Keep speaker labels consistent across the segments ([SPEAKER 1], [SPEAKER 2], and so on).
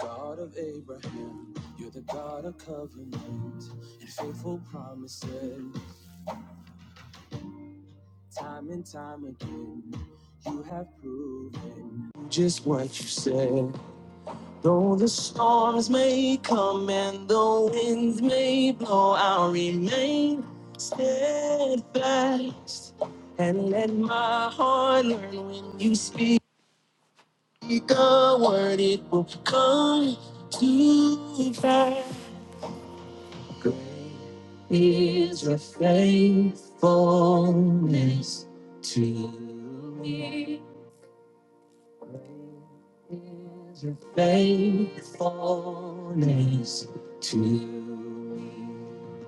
[SPEAKER 1] God of Abraham, you're the God of covenant and faithful promises. Time and time again, you have proven just what you said. Though the storms may come and the winds may blow, I'll remain steadfast and let my heart learn when you speak a word, it will come to pass. is your faithfulness to me. Is your faithfulness to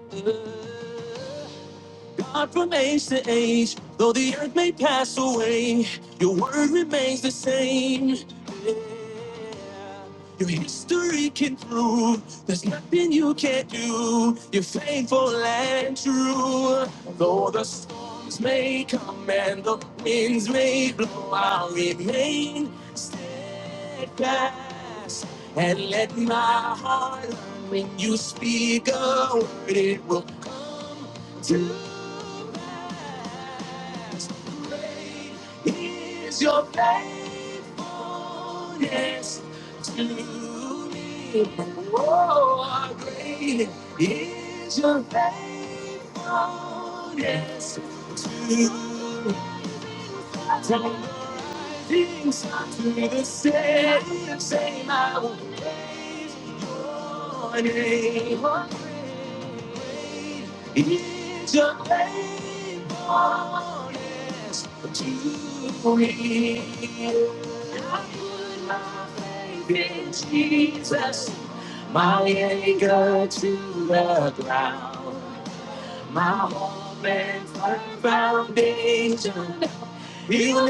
[SPEAKER 1] me. God from age to age, though the earth may pass away, your word remains the same. Yeah. Your history can prove there's nothing you can't do. You're faithful and true. Though the storms may come and the winds may blow, I'll remain steadfast and let my heart when you speak a word, it will come to pass. Great is your faithfulness to me. Oh, great is your faithfulness to me things to the same, same I will praise your name. It's your faithfulness to me? I put my faith in Jesus, my anchor to the ground. My home and firm foundation. He.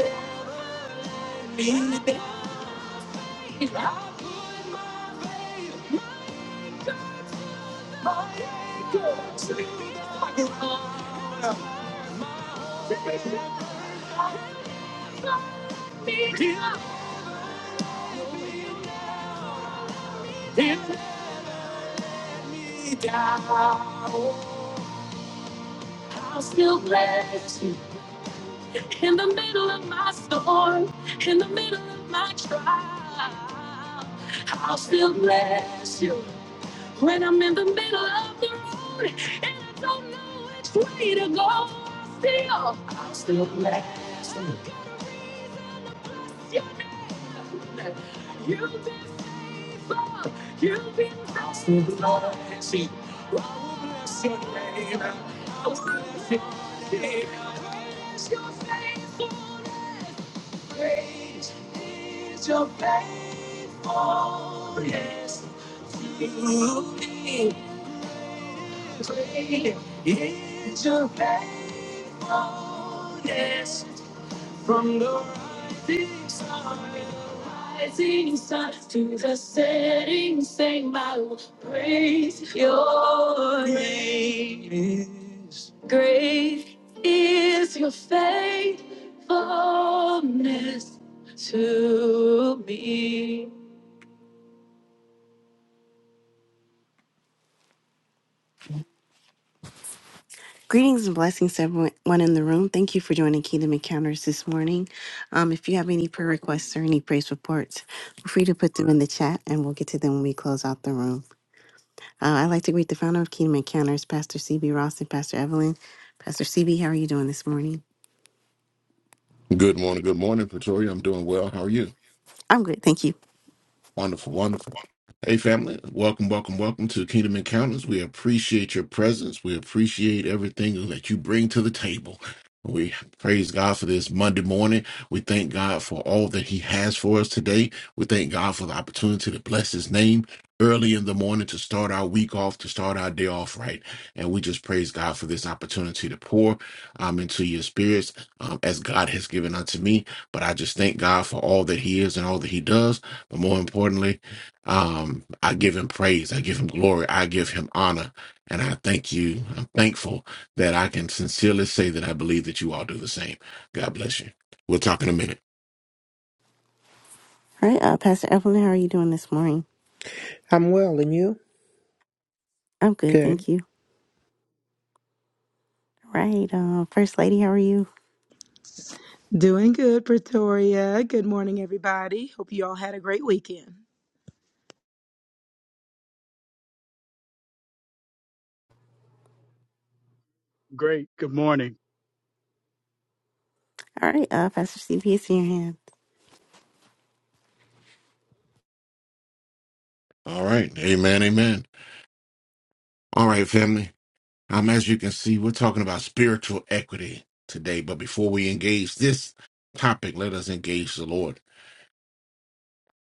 [SPEAKER 1] I'll still bless you in the middle of my storm, in the middle of my trial. I'll still bless you. When I'm in the middle of the road and I don't know which way to go, still, I'm still blessed. Yes, you have been faithful. You've been blessed with mercy. I will bless your name. I will bless your name. I will bless your faithfulness. Great is your faithfulness to me. Is your faithfulness from the rising sun, the rising sun to the setting Sing, I will praise your name. Great is your faithfulness to me. Greetings and blessings to everyone in the room. Thank you for joining Kingdom Encounters this morning. Um, if you have any prayer requests or any praise reports, feel free to put them in the chat and we'll get to them when we close out the room. Uh, I'd like to greet the founder of Kingdom Encounters, Pastor CB Ross and Pastor Evelyn. Pastor CB, how are you doing this morning?
[SPEAKER 2] Good morning. Good morning, Pretoria. I'm doing well. How are you?
[SPEAKER 1] I'm good, thank you.
[SPEAKER 2] Wonderful, wonderful. Hey, family, welcome, welcome, welcome to Kingdom Encounters. We appreciate your presence. We appreciate everything that you bring to the table. We praise God for this Monday morning. We thank God for all that He has for us today. We thank God for the opportunity to bless His name early in the morning to start our week off, to start our day off right. And we just praise God for this opportunity to pour um, into your spirits um, as God has given unto me. But I just thank God for all that He is and all that He does. But more importantly, um, I give him praise. I give him glory. I give him honor. And I thank you. I'm thankful that I can sincerely say that I believe that you all do the same. God bless you. We'll talk in a minute.
[SPEAKER 1] All right, uh, Pastor Evelyn, how are you doing this morning?
[SPEAKER 3] I'm well, and you?
[SPEAKER 1] I'm good,
[SPEAKER 3] Good.
[SPEAKER 1] thank you. All right, uh, First Lady, how are you?
[SPEAKER 4] Doing good, Pretoria. Good morning, everybody. Hope you all had a great weekend.
[SPEAKER 5] Great. Good morning.
[SPEAKER 1] All right, uh, Pastor CB, it's in your hand.
[SPEAKER 2] All right. Amen. Amen. All right, family. Um, as you can see, we're talking about spiritual equity today. But before we engage this topic, let us engage the Lord.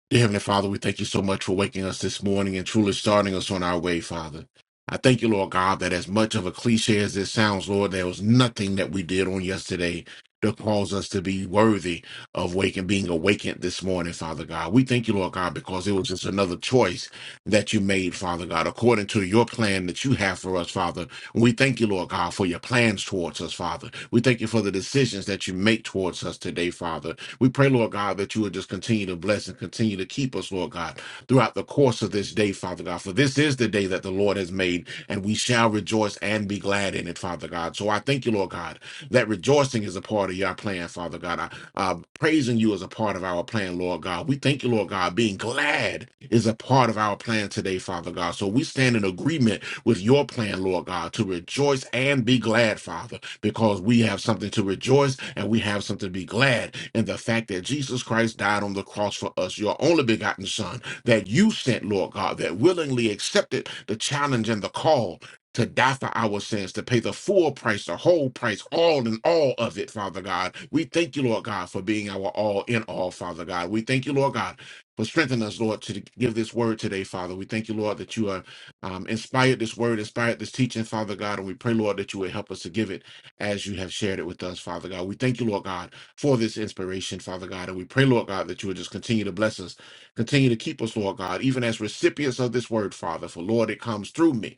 [SPEAKER 2] Dear Heavenly Father, we thank you so much for waking us this morning and truly starting us on our way, Father. I thank you, Lord God, that as much of a cliche as this sounds, Lord, there was nothing that we did on yesterday to cause us to be worthy of waking, being awakened this morning, Father God. We thank you, Lord God, because it was just another choice that you made, Father God, according to your plan that you have for us, Father. We thank you, Lord God, for your plans towards us, Father. We thank you for the decisions that you make towards us today, Father. We pray, Lord God, that you would just continue to bless and continue to keep us, Lord God, throughout the course of this day, Father God. For this is the day that the Lord has made, and we shall rejoice and be glad in it, Father God. So I thank you, Lord God, that rejoicing is a part of your plan, Father God. I uh, praising you is a part of our plan, Lord God. We thank you, Lord God. Being glad is a part of our plan today, Father God. So we stand in agreement with your plan, Lord God, to rejoice and be glad, Father, because we have something to rejoice and we have something to be glad in the fact that Jesus Christ died on the cross for us, your only begotten Son, that you sent, Lord God, that willingly accepted the challenge and the call to die for our sins, to pay the full price, the whole price, all in all of it, Father God. We thank you, Lord God, for being our all in all, Father God. We thank you, Lord God, for strengthening us, Lord, to give this word today, Father. We thank you, Lord, that you are um, inspired this word, inspired this teaching, Father God. And we pray, Lord, that you would help us to give it as you have shared it with us, Father God. We thank you, Lord God, for this inspiration, Father God. And we pray, Lord God, that you would just continue to bless us, continue to keep us, Lord God, even as recipients of this word, Father. For, Lord, it comes through me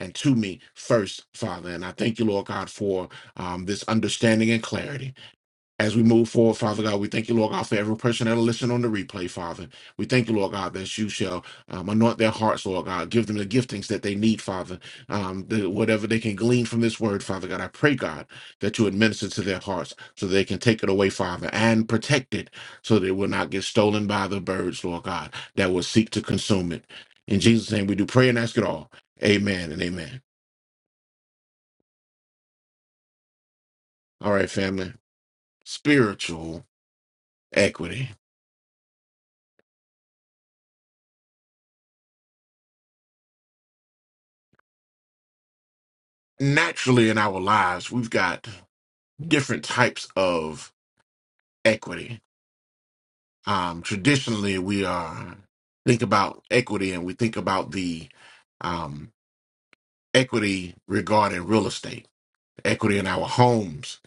[SPEAKER 2] and to me first, Father. And I thank you, Lord God, for um, this understanding and clarity. As we move forward, Father God, we thank you, Lord God, for every person that'll listen on the replay, Father. We thank you, Lord God, that you shall um, anoint their hearts, Lord God. Give them the giftings that they need, Father. Um, the, whatever they can glean from this word, Father God, I pray, God, that you administer to their hearts so they can take it away, Father, and protect it so that it will not get stolen by the birds, Lord God, that will seek to consume it. In Jesus' name, we do pray and ask it all. Amen and amen. All right, family. Spiritual equity. Naturally, in our lives, we've got different types of equity. Um, traditionally, we are think about equity, and we think about the um, equity regarding real estate, equity in our homes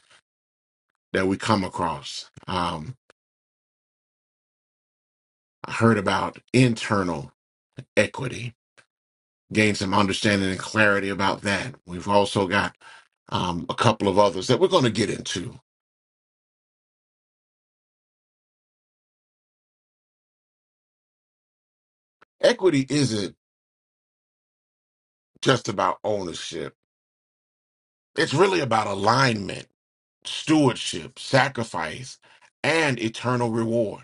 [SPEAKER 2] that we come across. Um, I heard about internal equity. Gain some understanding and clarity about that. We've also got um, a couple of others that we're going to get into Equity isn't just about ownership, it's really about alignment, stewardship, sacrifice, and eternal reward.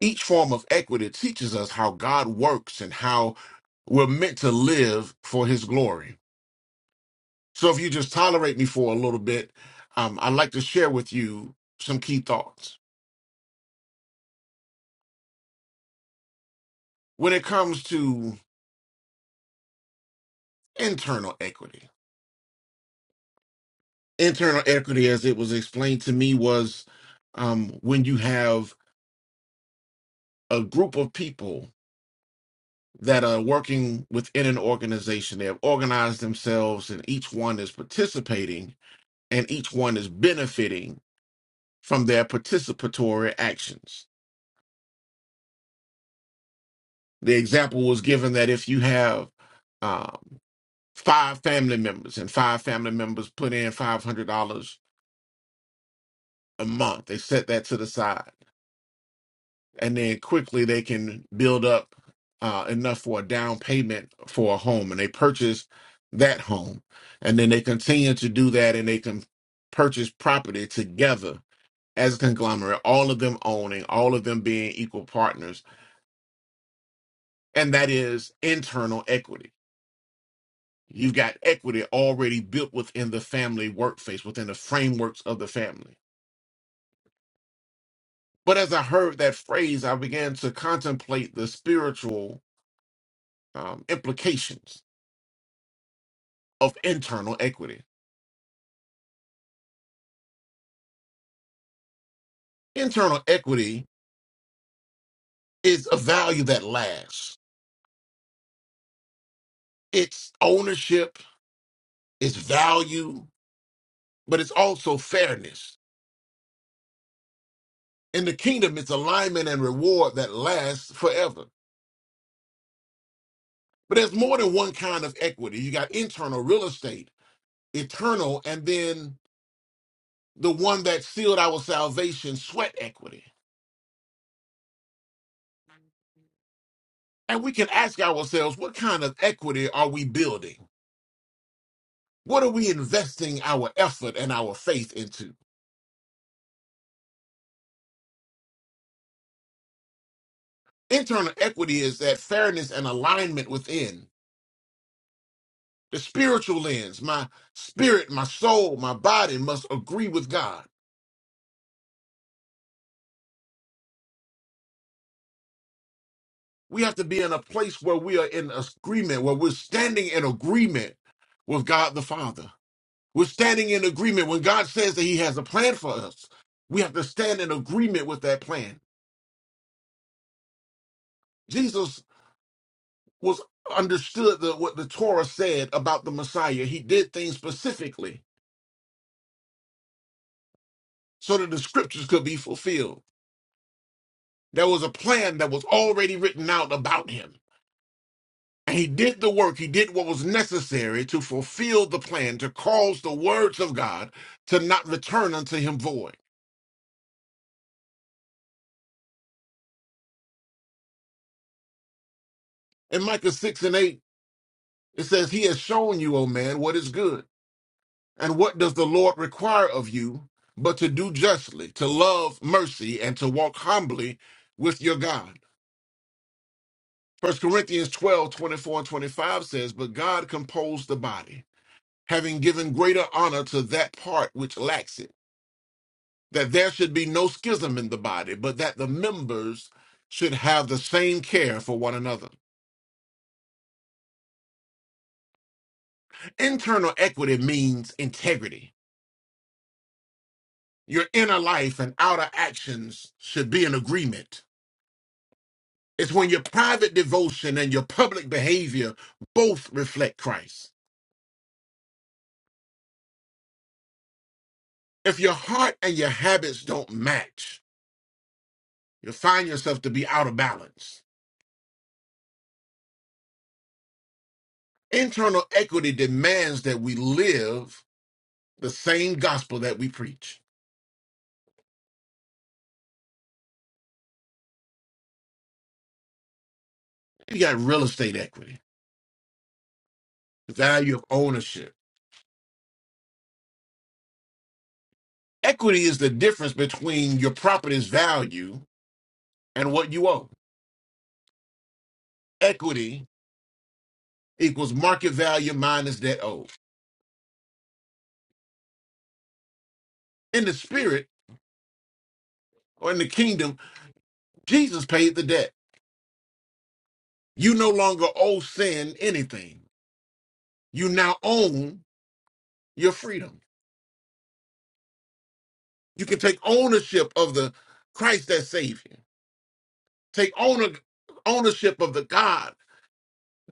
[SPEAKER 2] Each form of equity teaches us how God works and how we're meant to live for his glory. So, if you just tolerate me for a little bit, um, I'd like to share with you some key thoughts. When it comes to internal equity, internal equity, as it was explained to me, was um, when you have a group of people that are working within an organization. They have organized themselves, and each one is participating, and each one is benefiting from their participatory actions. The example was given that if you have um, five family members, and five family members put in five hundred dollars a month, they set that to the side and then quickly they can build up uh, enough for a down payment for a home and they purchase that home and then they continue to do that and they can purchase property together as a conglomerate all of them owning all of them being equal partners and that is internal equity you've got equity already built within the family workplace within the frameworks of the family but as i heard that phrase i began to contemplate the spiritual um, implications of internal equity. Internal equity is a value that lasts. It's ownership, it's value, but it's also fairness. In the kingdom, it's alignment and reward that lasts forever. But there's more than one kind of equity. You got internal real estate, eternal, and then the one that sealed our salvation, sweat equity. And we can ask ourselves, what kind of equity are we building? What are we investing our effort and our faith into? Internal equity is that fairness and alignment within the spiritual lens. My spirit, my soul, my body must agree with God. We have to be in a place where we are in agreement, where we're standing in agreement with God the Father. We're standing in agreement. When God says that He has a plan for us, we have to stand in agreement with that plan. Jesus was understood the, what the Torah said about the Messiah. He did things specifically so that the scriptures could be fulfilled. There was a plan that was already written out about him. And he did the work, he did what was necessary to fulfill the plan, to cause the words of God to not return unto him void. In Micah 6 and 8, it says, He has shown you, O man, what is good. And what does the Lord require of you but to do justly, to love mercy, and to walk humbly with your God? First Corinthians 12, twenty-four and 25 says, But God composed the body, having given greater honor to that part which lacks it that there should be no schism in the body, but that the members should have the same care for one another. Internal equity means integrity. Your inner life and outer actions should be in agreement. It's when your private devotion and your public behavior both reflect Christ. If your heart and your habits don't match, you'll find yourself to be out of balance. Internal equity demands that we live the same gospel that we preach. You got real estate equity value of ownership. Equity is the difference between your property's value and what you owe. Equity equals market value minus debt owed. In the spirit or in the kingdom, Jesus paid the debt. You no longer owe sin anything. You now own your freedom. You can take ownership of the Christ that saved you. Take owner, ownership of the God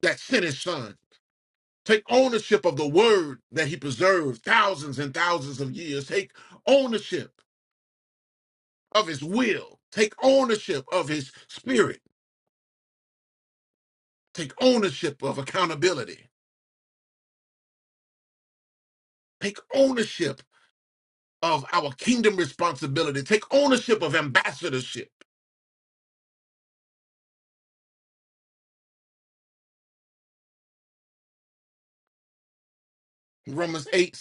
[SPEAKER 2] that sent his son Take ownership of the word that he preserved thousands and thousands of years. Take ownership of his will. Take ownership of his spirit. Take ownership of accountability. Take ownership of our kingdom responsibility. Take ownership of ambassadorship. Romans 8:17.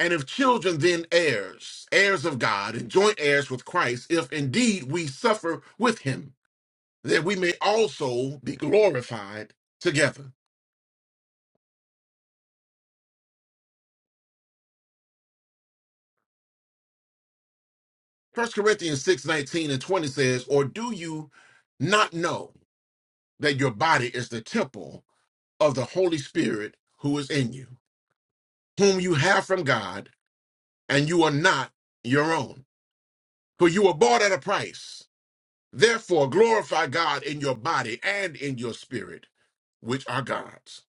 [SPEAKER 2] And if children, then heirs, heirs of God, and joint heirs with Christ, if indeed we suffer with him, that we may also be glorified together. First Corinthians 6 19 and 20 says, Or do you not know that your body is the temple of the Holy Spirit who is in you, whom you have from God, and you are not your own? For you were bought at a price. Therefore, glorify God in your body and in your spirit, which are God's.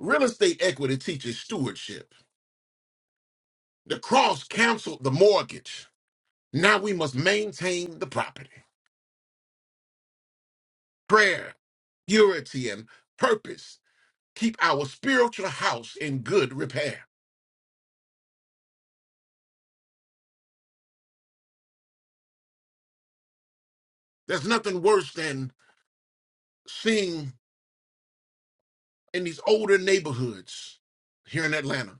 [SPEAKER 2] Real estate equity teaches stewardship. The cross canceled the mortgage. Now we must maintain the property. Prayer, purity, and purpose keep our spiritual house in good repair. There's nothing worse than seeing in these older neighborhoods here in Atlanta,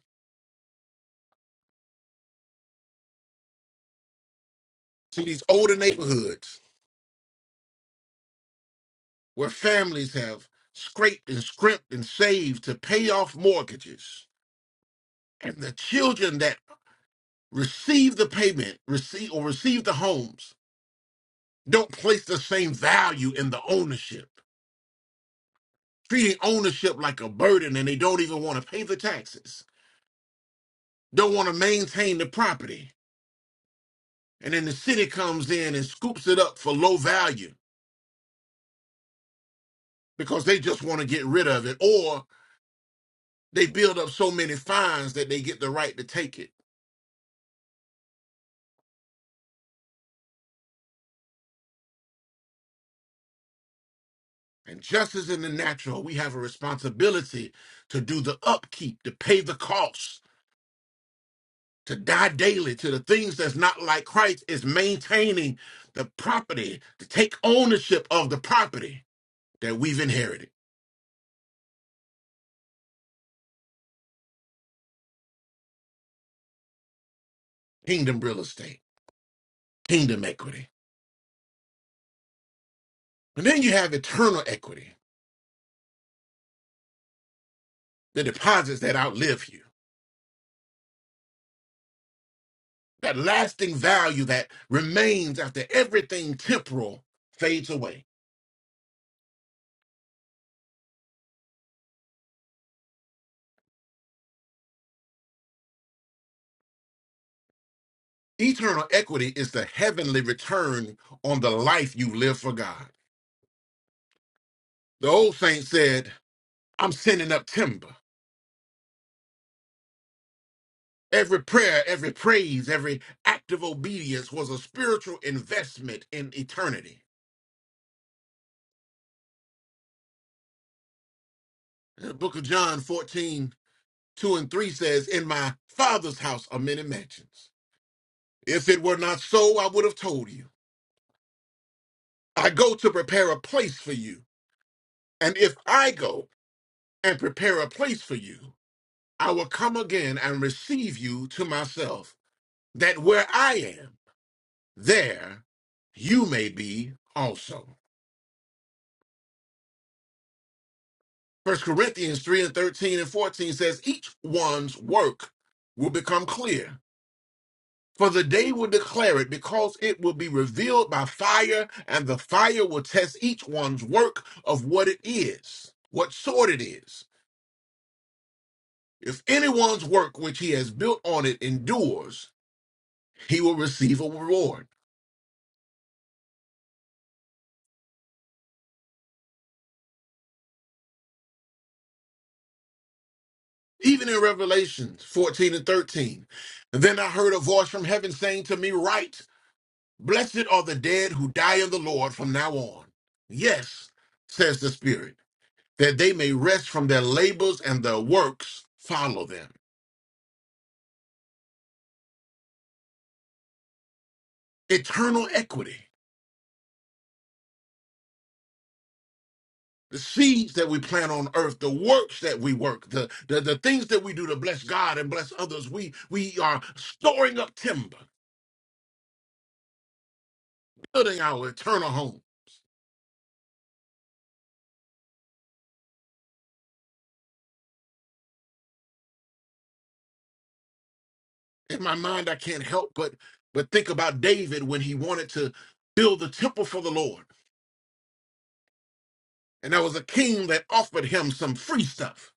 [SPEAKER 2] see these older neighborhoods where families have scraped and scrimped and saved to pay off mortgages. And the children that receive the payment, receive or receive the homes, don't place the same value in the ownership, treating ownership like a burden and they don't even want to pay the taxes, don't want to maintain the property And then the city comes in and scoops it up for low value because they just want to get rid of it, or they build up so many fines that they get the right to take it. And just as in the natural, we have a responsibility to do the upkeep, to pay the costs, to die daily to the things that's not like Christ, is maintaining the property, to take ownership of the property that we've inherited. Kingdom real estate, kingdom equity. And then you have eternal equity, the deposits that outlive you. that lasting value that remains after everything temporal fades away. Eternal equity is the heavenly return on the life you live for God. The old saint said, I'm sending up timber. Every prayer, every praise, every act of obedience was a spiritual investment in eternity. The book of John fourteen two and 3 says, In my Father's house are many mansions. If it were not so, I would have told you. I go to prepare a place for you. And if I go and prepare a place for you, I will come again and receive you to myself, that where I am, there you may be also. First Corinthians 3 and 13 and 14 says, Each one's work will become clear, for the day will declare it, because it will be revealed by fire, and the fire will test each one's work of what it is, what sort it is. If anyone's work which he has built on it endures, he will receive a reward. Even in Revelations 14 and 13. Then I heard a voice from heaven saying to me, Write, blessed are the dead who die in the Lord from now on. Yes, says the Spirit, that they may rest from their labors and their works follow them. Eternal equity. The seeds that we plant on earth, the works that we work, the, the, the things that we do to bless God and bless others, we, we are storing up timber, building our eternal home. in my mind i can't help but but think about david when he wanted to build the temple for the lord and there was a king that offered him some free stuff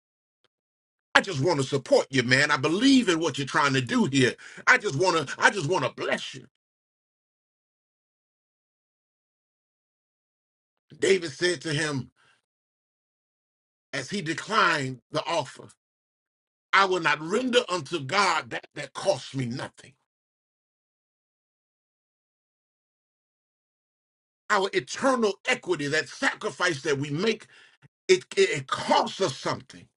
[SPEAKER 2] i just want to support you man i believe in what you're trying to do here i just want to i just want to bless you david said to him as he declined the offer i will not render unto god that that costs me nothing our eternal equity that sacrifice that we make it, it, it costs us something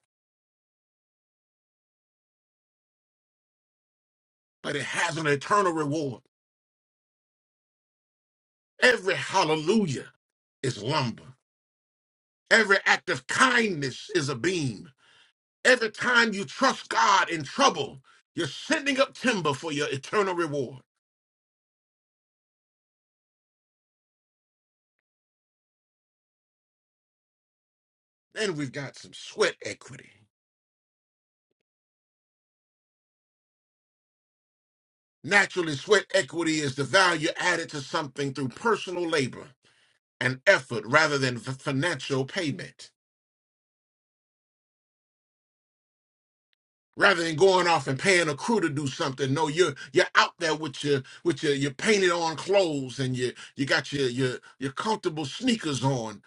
[SPEAKER 2] but it has an eternal reward Every hallelujah is lumber. Every act of kindness is a beam. Every time you trust God in trouble, you're sending up timber for your eternal reward. Then we've got some sweat equity. Naturally, sweat equity is the value added to something through personal labor and effort rather than f- financial payment. rather than going off and paying a crew to do something. No, you're you're out there with your with your your painted on clothes and you you got your your your comfortable sneakers on.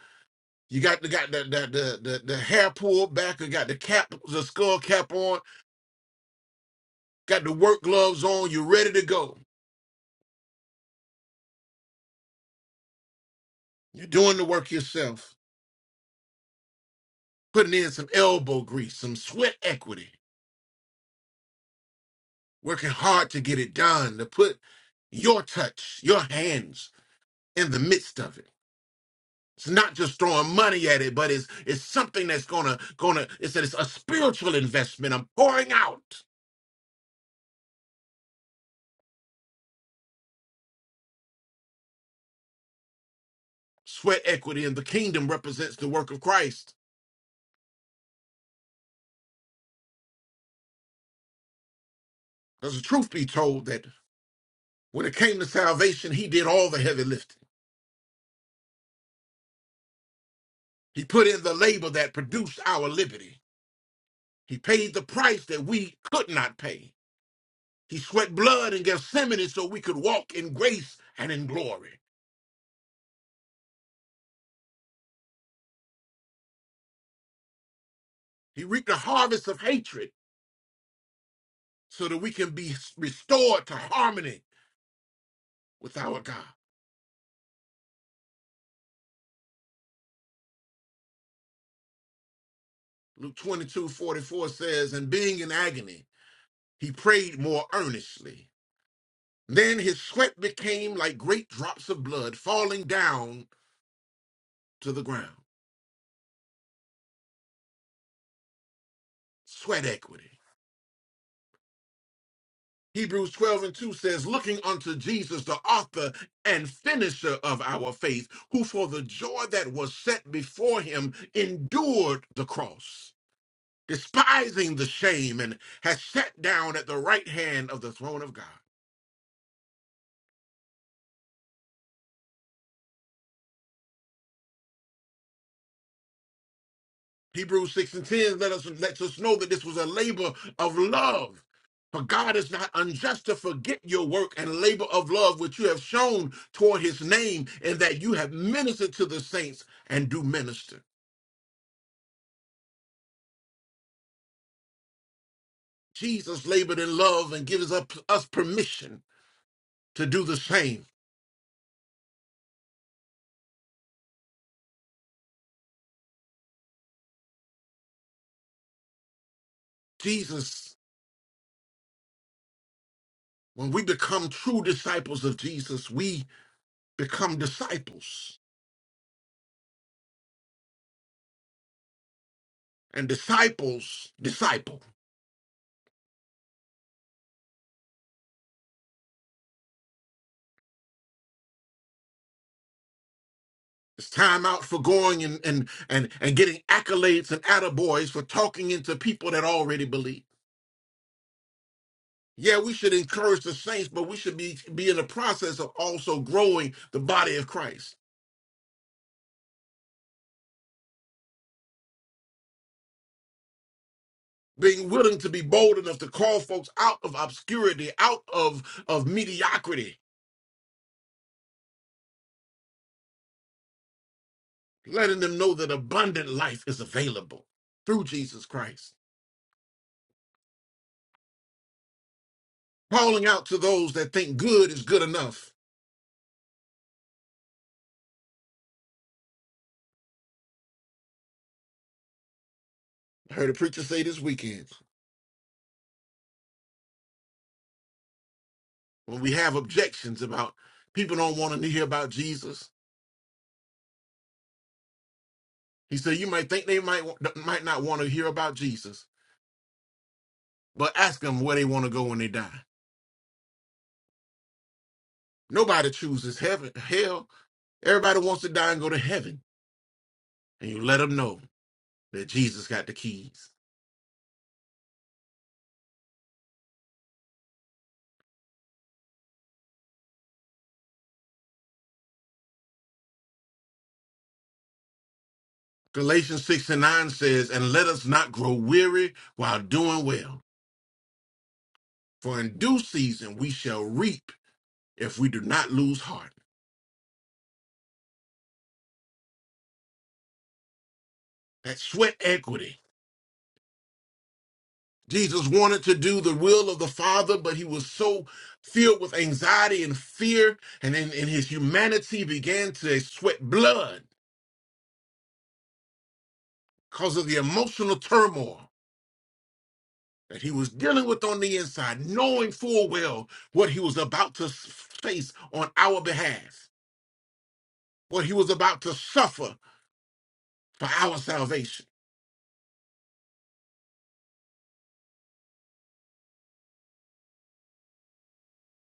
[SPEAKER 2] You got the got the the the, the, the hair pulled back. You got the cap the skull cap on. Got the work gloves on. You're ready to go. You're doing the work yourself. Putting in some elbow grease, some sweat equity. Working hard to get it done. To put your touch, your hands in the midst of it It's not just throwing money at it, but it's it's something that's gonna gonna it's it's a spiritual investment. I'm pouring out sweat equity, and the kingdom represents the work of Christ. Because the truth be told, that when it came to salvation, He did all the heavy lifting. He put in the labor that produced our liberty. He paid the price that we could not pay. He sweat blood in Gethsemane so we could walk in grace and in glory. He reaped a harvest of hatred so that we can be restored to harmony with our God. Luke 22 44 says, And being in agony, he prayed more earnestly. Then his sweat became like great drops of blood falling down to the ground. Sweat equity. Hebrews 12 and 2 says, Looking unto Jesus, the author and finisher of our faith, who for the joy that was set before him endured the cross, despising the shame, and has sat down at the right hand of the throne of God. Hebrews 6 and 10 let us lets us know that this was a labor of love. For God is not unjust to forget your work and labor of love which you have shown toward his name, and that you have ministered to the saints and do minister. Jesus labored in love and gives up us permission to do the same. Jesus, when we become true disciples of Jesus, we become disciples. And disciples disciple. It's time out for going and and and and getting accolades and attaboys for talking into people that already believe. Yeah, we should encourage the saints, but we should be be in the process of also growing the body of Christ. Being willing to be bold enough to call folks out of obscurity, out of of mediocrity, letting them know that abundant life is available through Jesus Christ. Calling out to those that think good is good enough. I heard a preacher say this weekend. when we have objections about people don't want to hear about Jesus. He said, you might think they might might not want to hear about Jesus, but ask them where they want to go when they die. Nobody chooses heaven, hell. Everybody wants to die and go to heaven, and you let them know that Jesus got the keys. Galatians 6 and 9 says, And let us not grow weary while doing well, for in due season we shall reap if we do not lose heart. That's sweat equity Jesus wanted to do the will of the Father, but he was so filled with anxiety and fear, and in, in his humanity began to sweat blood because of the emotional turmoil that he was dealing with on the inside, knowing full well what he was about to face on our behalf, what he was about to suffer for our salvation.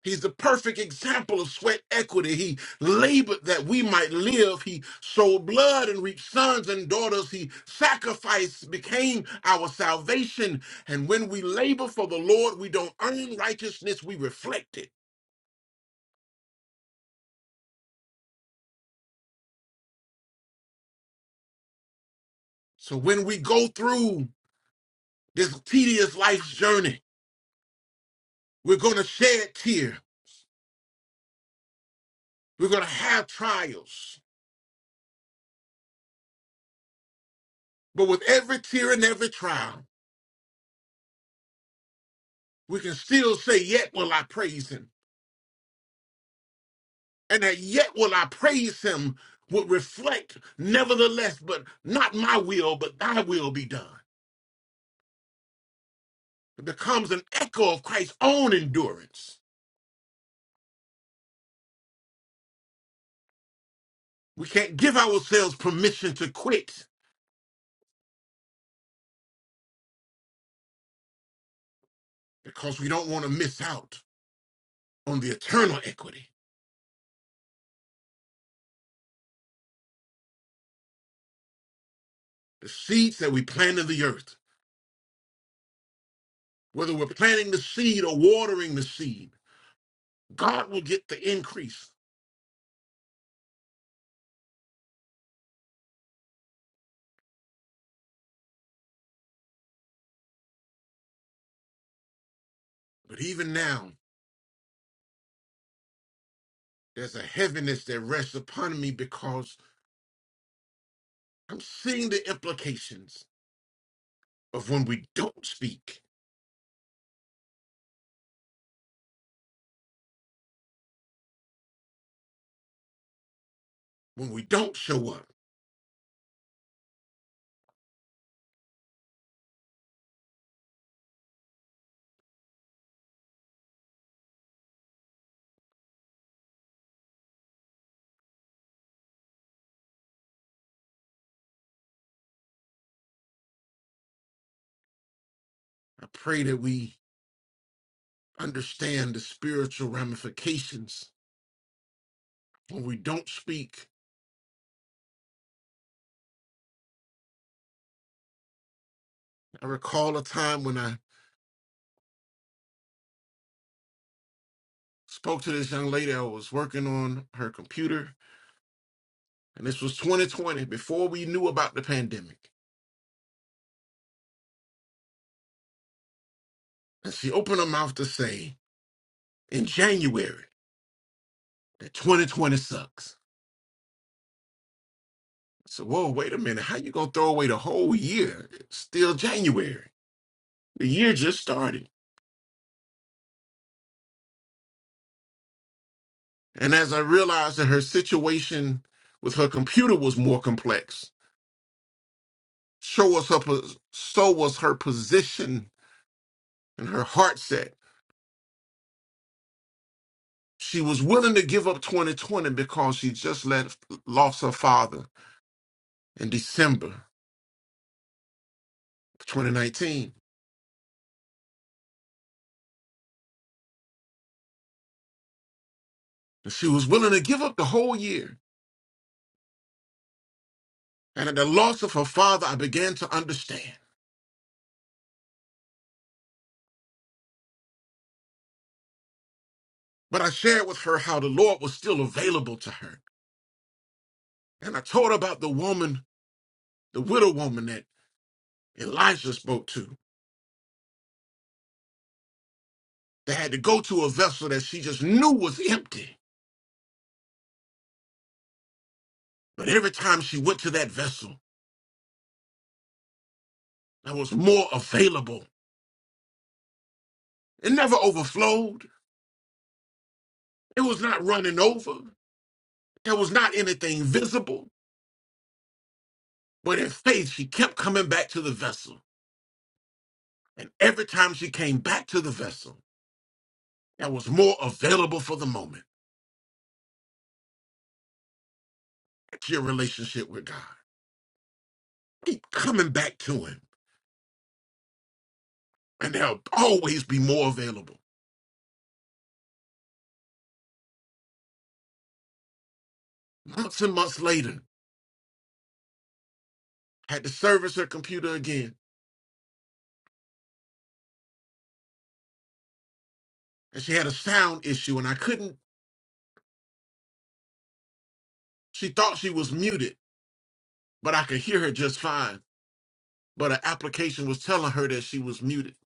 [SPEAKER 2] He's the perfect example of sweat equity. He labored that we might live. He sold blood and reaped sons and daughters. He sacrificed, became our salvation. And when we labor for the Lord, we don't earn righteousness, we reflect it. So when we go through this tedious life's journey, we're going to shed tear. We're going to have trials. But with every tear and every trial, we can still say, Yet will I praise Him. and that yet will I praise him would reflect, nevertheless, but not my will, but thy will be done. It becomes an echo of Christ's own endurance. We can't give ourselves permission to quit because we don't want to miss out on the eternal equity, the seeds that we plant in the earth. Whether we're planting the seed or watering the seed, God will get the increase. But even now, there's a heaviness that rests upon me because I'm seeing the implications of when we don't speak, when we don't show up. I pray that we understand the spiritual ramifications when we don't speak. I recall a time when I spoke to this young lady. I was working on her computer, and this was 2020, before we knew about the pandemic. And she opened her mouth to say in January that 2020 sucks. I said, Whoa, wait a minute. How you gonna throw away the whole year? It's still January. The year just started. And as I realized that her situation with her computer was more complex, so was her, pos- so was her position and her heart set. She was willing to give up 2020 because she just let, lost her father in December 2019. And she was willing to give up the whole year. And at the loss of her father, I began to understand. But I shared with her how the Lord was still available to her. And I told her about the woman, the widow woman that Elijah spoke to They had to go to a vessel that she just knew was empty. But every time she went to that vessel, there was more available. It never overflowed. It was not running over. There was not anything visible. But in faith, she kept coming back to the vessel. And every time she came back to the vessel, there was more available for the moment. That's your relationship with God. Keep coming back to Him, and there'll always be more available. Months and months later, had to service her computer again and she had a sound issue and I couldn't she thought she was muted, but I could hear her just fine. But her application was telling her that she was muted.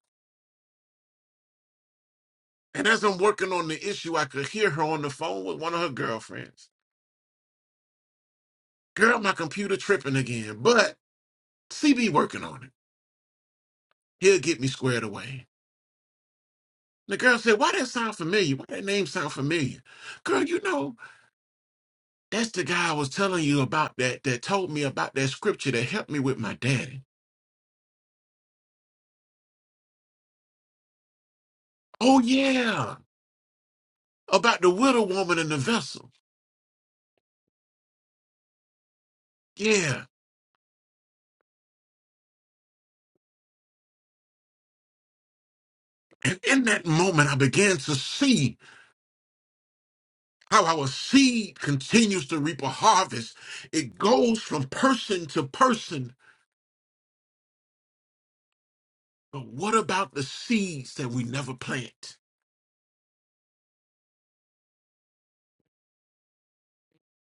[SPEAKER 2] And as I'm working on the issue, I could hear her on the phone with one of her girlfriends. Girl, my computer tripping again, but CB working on it. He'll get me squared away. The girl said, Why that sound familiar? Why that name sound familiar? Girl, you know, that's the guy I was telling you about that that told me about that scripture that helped me with my daddy. Oh yeah. About the widow woman and the vessel. Yeah. And in that moment, I began to see how our seed continues to reap a harvest. It goes from person to person. But what about the seeds that we never plant?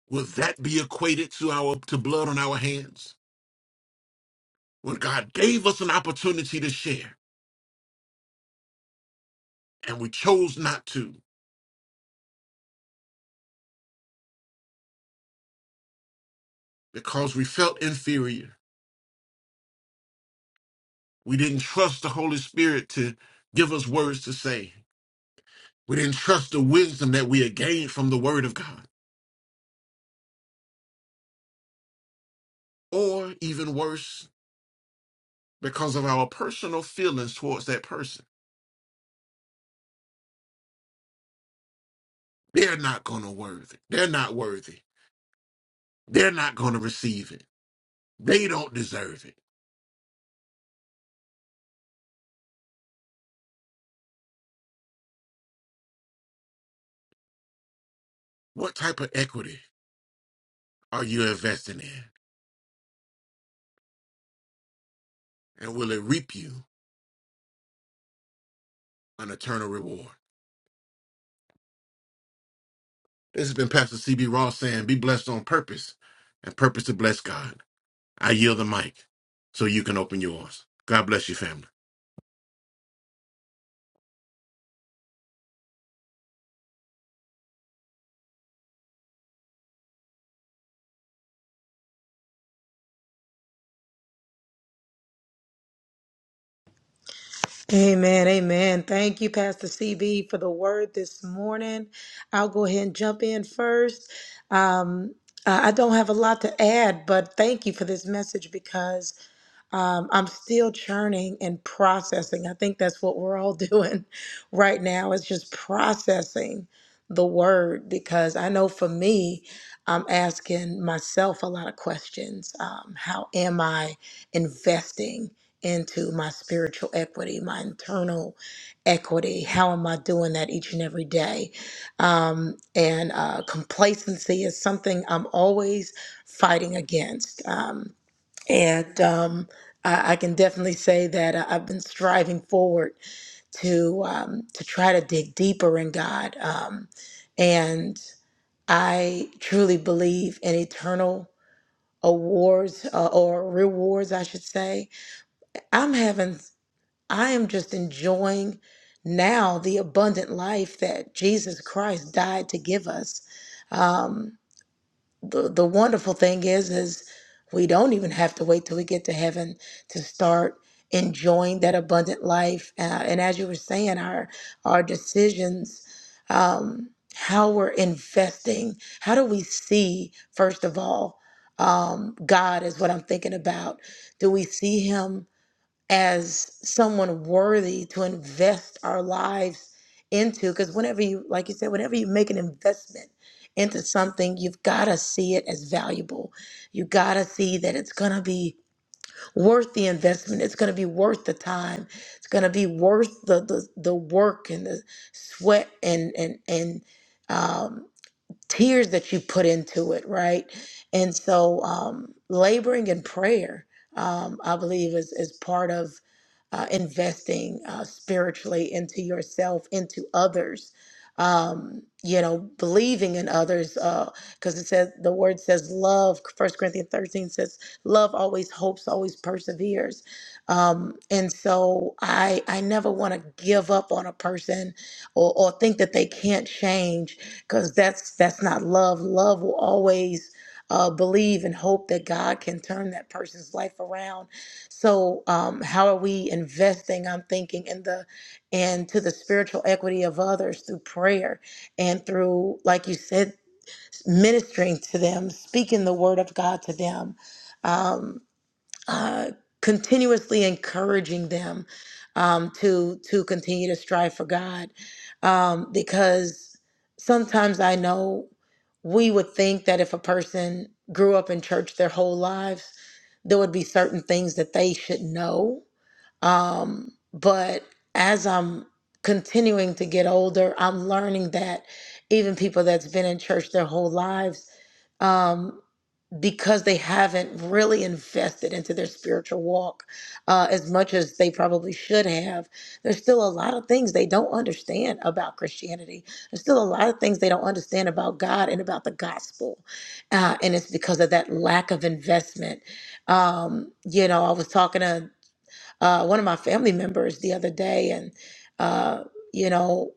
[SPEAKER 2] Will that be equated to our to blood on our hands? When God gave us an opportunity to share and we chose not to because we felt inferior. We didn't trust the Holy Spirit to give us words to say. We didn't trust the wisdom that we had gained from the Word of God. or even worse, because of our personal feelings towards that person. They're not going to worthy. They're not worthy. They're not going to receive it. They don't deserve it. What type of equity are you investing in? And will it reap you an eternal reward? This has been Pastor CB Ross saying, Be blessed on purpose and purpose to bless God. I yield the mic so you can open yours. God bless you, family.
[SPEAKER 4] Amen. Amen. Thank you, Pastor CB, for the word this morning. I'll go ahead and jump in first. Um, I I don't have a lot to add, but thank you for this message because Um, I'm still churning and processing. I think that's what we're all doing right now is just processing the word because I know for me, I'm asking myself a lot of questions. Um, how am I investing into my spiritual equity, my internal equity? How am I doing that each and every day? Um, and uh, complacency is something I'm always fighting against. Um, and um, I, I can definitely say that I- I've been striving forward to um, to try to dig deeper in God. Um, and I truly believe in eternal awards uh, or rewards, I should say. I'm having, I am just enjoying now the abundant life that Jesus Christ died to give us. Um, the the wonderful thing is is we don't even have to wait till we get to heaven to start enjoying that abundant life uh, and as you were saying our our decisions um how we're investing how do we see first of all um god is what i'm thinking about do we see him as someone worthy to invest our lives into because whenever you like you said whenever you make an investment into something you've got to see it as valuable you got to see that it's going to be worth the investment it's going to be worth the time it's going to be worth the, the the work and the sweat and and and um, tears that you put into it, right? And so, um, laboring in prayer, um, I believe, is, is part of uh, investing uh, spiritually into yourself, into others. Um, you know, believing in others, because it says the word says love. First Corinthians thirteen says love always hopes, always perseveres. Um, and so I I never want to give up on a person or, or think that they can't change because that's that's not love love will always uh, believe and hope that god can turn that person's life around so um, how are we investing i'm thinking in the and to the spiritual equity of others through prayer and through like you said ministering to them speaking the word of god to them Um, uh, continuously encouraging them um, to to continue to strive for God, um, because sometimes I know we would think that if a person grew up in church their whole lives, there would be certain things that they should know. Um, but as I'm continuing to get older, I'm learning that even people that's been in church their whole lives um, because they haven't really invested into their spiritual walk uh, as much as they probably should have. There's still a lot of things they don't understand about Christianity. There's still a lot of things they don't understand about God and about the gospel. Uh, and it's because of that lack of investment. Um, you know, I was talking to uh, one of my family members the other day, and, uh, you know,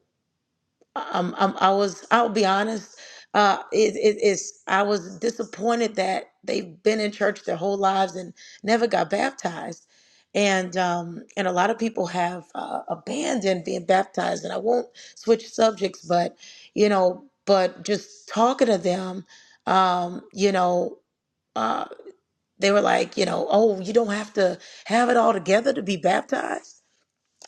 [SPEAKER 4] um, um, I was, I'll be honest, uh, it, it, it's, I was disappointed that they've been in church their whole lives and never got baptized. And, um, and a lot of people have uh, abandoned being baptized. And I won't switch subjects, but, you know, but just talking to them, um, you know, uh, they were like, you know, oh, you don't have to have it all together to be baptized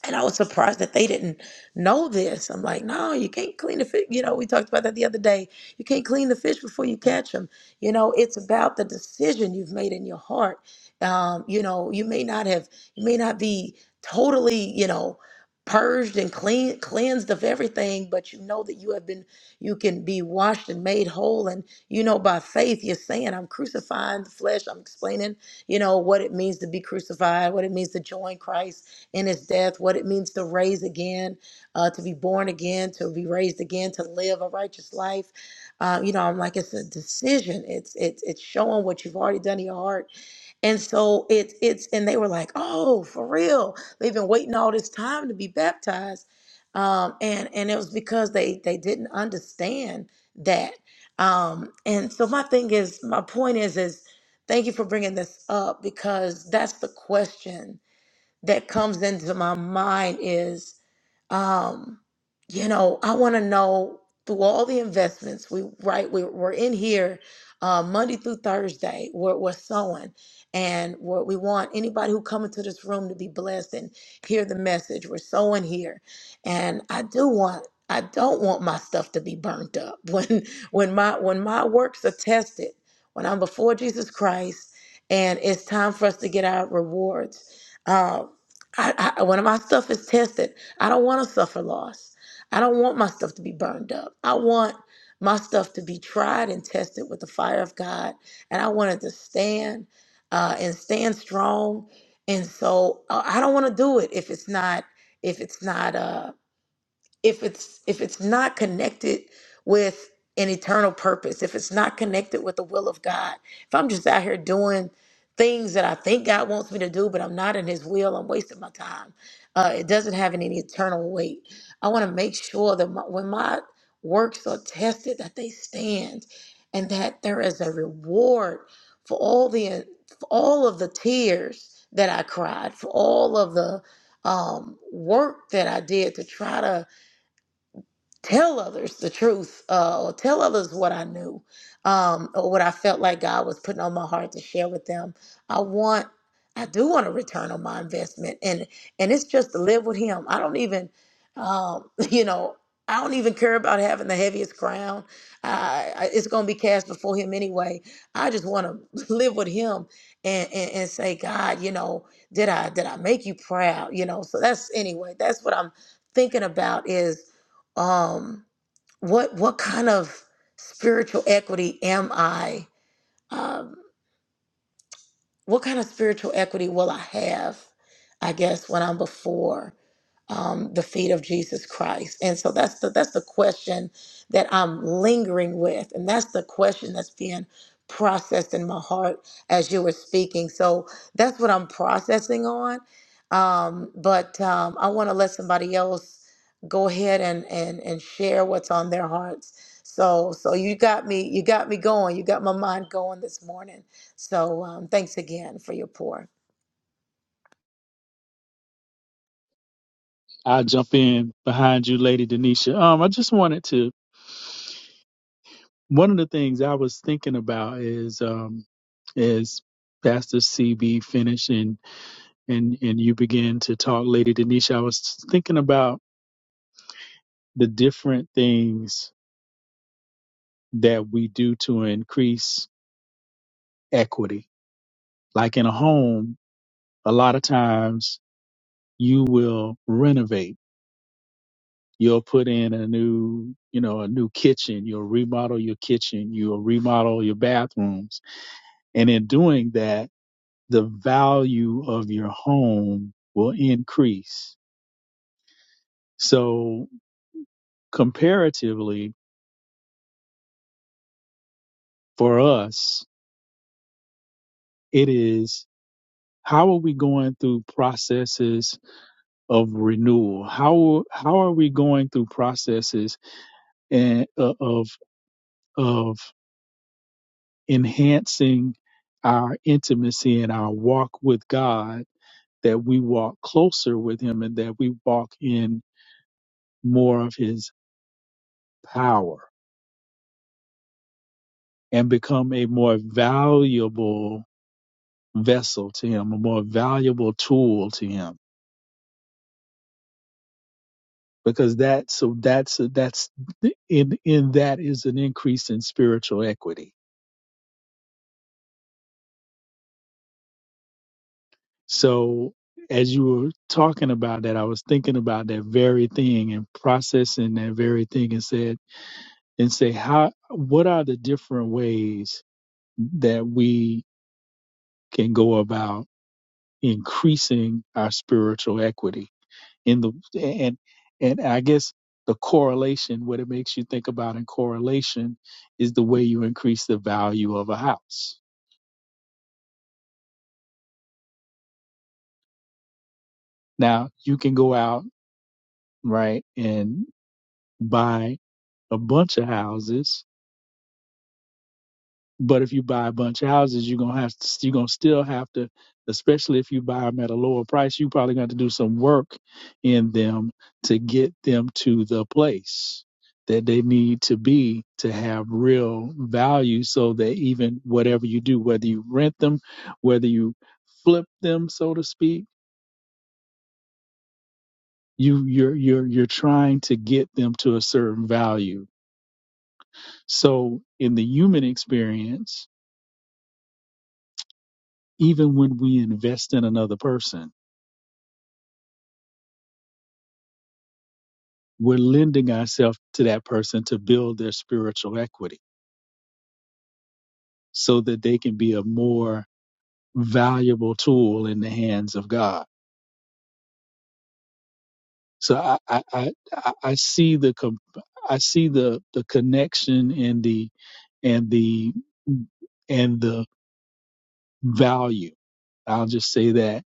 [SPEAKER 4] and I was surprised that they didn't know this. I'm like, no, you can't clean the fish. You know, we talked about that the other day. You can't clean the fish before you catch them. You know, it's about the decision you've made in your heart. Um, you know, you may not have, you may not be totally, you know, purged and clean, cleansed of everything, but you know that you have been, you can be washed and made whole. And, you know, by faith, you're saying, I'm crucifying the flesh. I'm explaining, you know, what it means to be crucified, what it means to join Christ in his death, what it means to raise again, uh, to be born again, to be raised again, to live a righteous life. Uh, you know, I'm like, it's a decision. It's it's it's showing what you've already done in your heart. And so it's it's and they were like, oh, for real. They've been waiting all this time to be baptized. Um, and and it was because they they didn't understand that. Um, and so my thing is, my point is, is thank you for bringing this up because that's the question that comes into my mind is um, you know, I want to know through all the investments we right we, we're in here uh, Monday through Thursday we're, we're sowing and we're, we want anybody who come into this room to be blessed and hear the message we're sowing here and I do want I don't want my stuff to be burnt up when when my when my works are tested when I'm before Jesus Christ and it's time for us to get our rewards uh, I, I, when my stuff is tested I don't want to suffer loss. I don't want my stuff to be burned up. I want my stuff to be tried and tested with the fire of God. And I wanted to stand uh, and stand strong. And so uh, I don't want to do it if it's not if it's not. uh, if it's if it's not connected with an eternal purpose if it's not connected with the will of god if i'm just out here doing things that i think god wants me to do but i'm not in his will i'm wasting my time uh, it doesn't have any eternal weight i want to make sure that my, when my works are tested that they stand and that there is a reward for all the for all of the tears that i cried for all of the um, work that i did to try to tell others the truth uh, or tell others what I knew um, or what I felt like God was putting on my heart to share with them. I want, I do want a return on my investment, and and it's just to live with Him. I don't even, um, you know. I don't even care about having the heaviest crown. I, I, it's going to be cast before him anyway. I just want to live with him and, and, and say, God, you know, did I did I make you proud? You know, so that's anyway. That's what I'm thinking about is um, what what kind of spiritual equity am I? Um, what kind of spiritual equity will I have? I guess when I'm before um, the feet of Jesus Christ? And so that's the that's the question that I'm lingering with, and that's the question that's being processed in my heart as you were speaking. So that's what I'm processing on. Um, but um, I want to let somebody else go ahead and, and and share what's on their hearts. So so you got me you got me going. You got my mind going this morning. So um, thanks again for your pour.
[SPEAKER 5] I'll jump in behind you, Lady Denisha. Um, I just wanted to. One of the things I was thinking about is um, is Pastor CB finished and and and you begin to talk, Lady Denisha. I was thinking about the different things that we do to increase equity. Like in a home, a lot of times you will renovate You'll put in a new, you know, a new kitchen. You'll remodel your kitchen. You'll remodel your bathrooms. And in doing that, the value of your home will increase. So comparatively for us, it is how are we going through processes of renewal? How, how are we going through processes and, uh, of, of enhancing our intimacy and our walk with God that we walk closer with him and that we walk in more of his power and become a more valuable vessel to him, a more valuable tool to him. Because that, so that's, that's in, in that is an increase in spiritual equity. So as you were talking about that, I was thinking about that very thing and processing that very thing and said, and say, how, what are the different ways that we can go about increasing our spiritual equity in the and and I guess the correlation what it makes you think about in correlation is the way you increase the value of a house. Now you can go out right and buy a bunch of houses But if you buy a bunch of houses, you're gonna have to, you're gonna still have to, especially if you buy them at a lower price, you probably got to do some work in them to get them to the place that they need to be to have real value so that even whatever you do, whether you rent them, whether you flip them, so to speak, you you're you're you're trying to get them to a certain value. So in the human experience, even when we invest in another person we're lending ourselves to that person to build their spiritual equity so that they can be a more valuable tool in the hands of God. So I I I, I I see the com- I see the the connection and the and the and the value. I'll just say that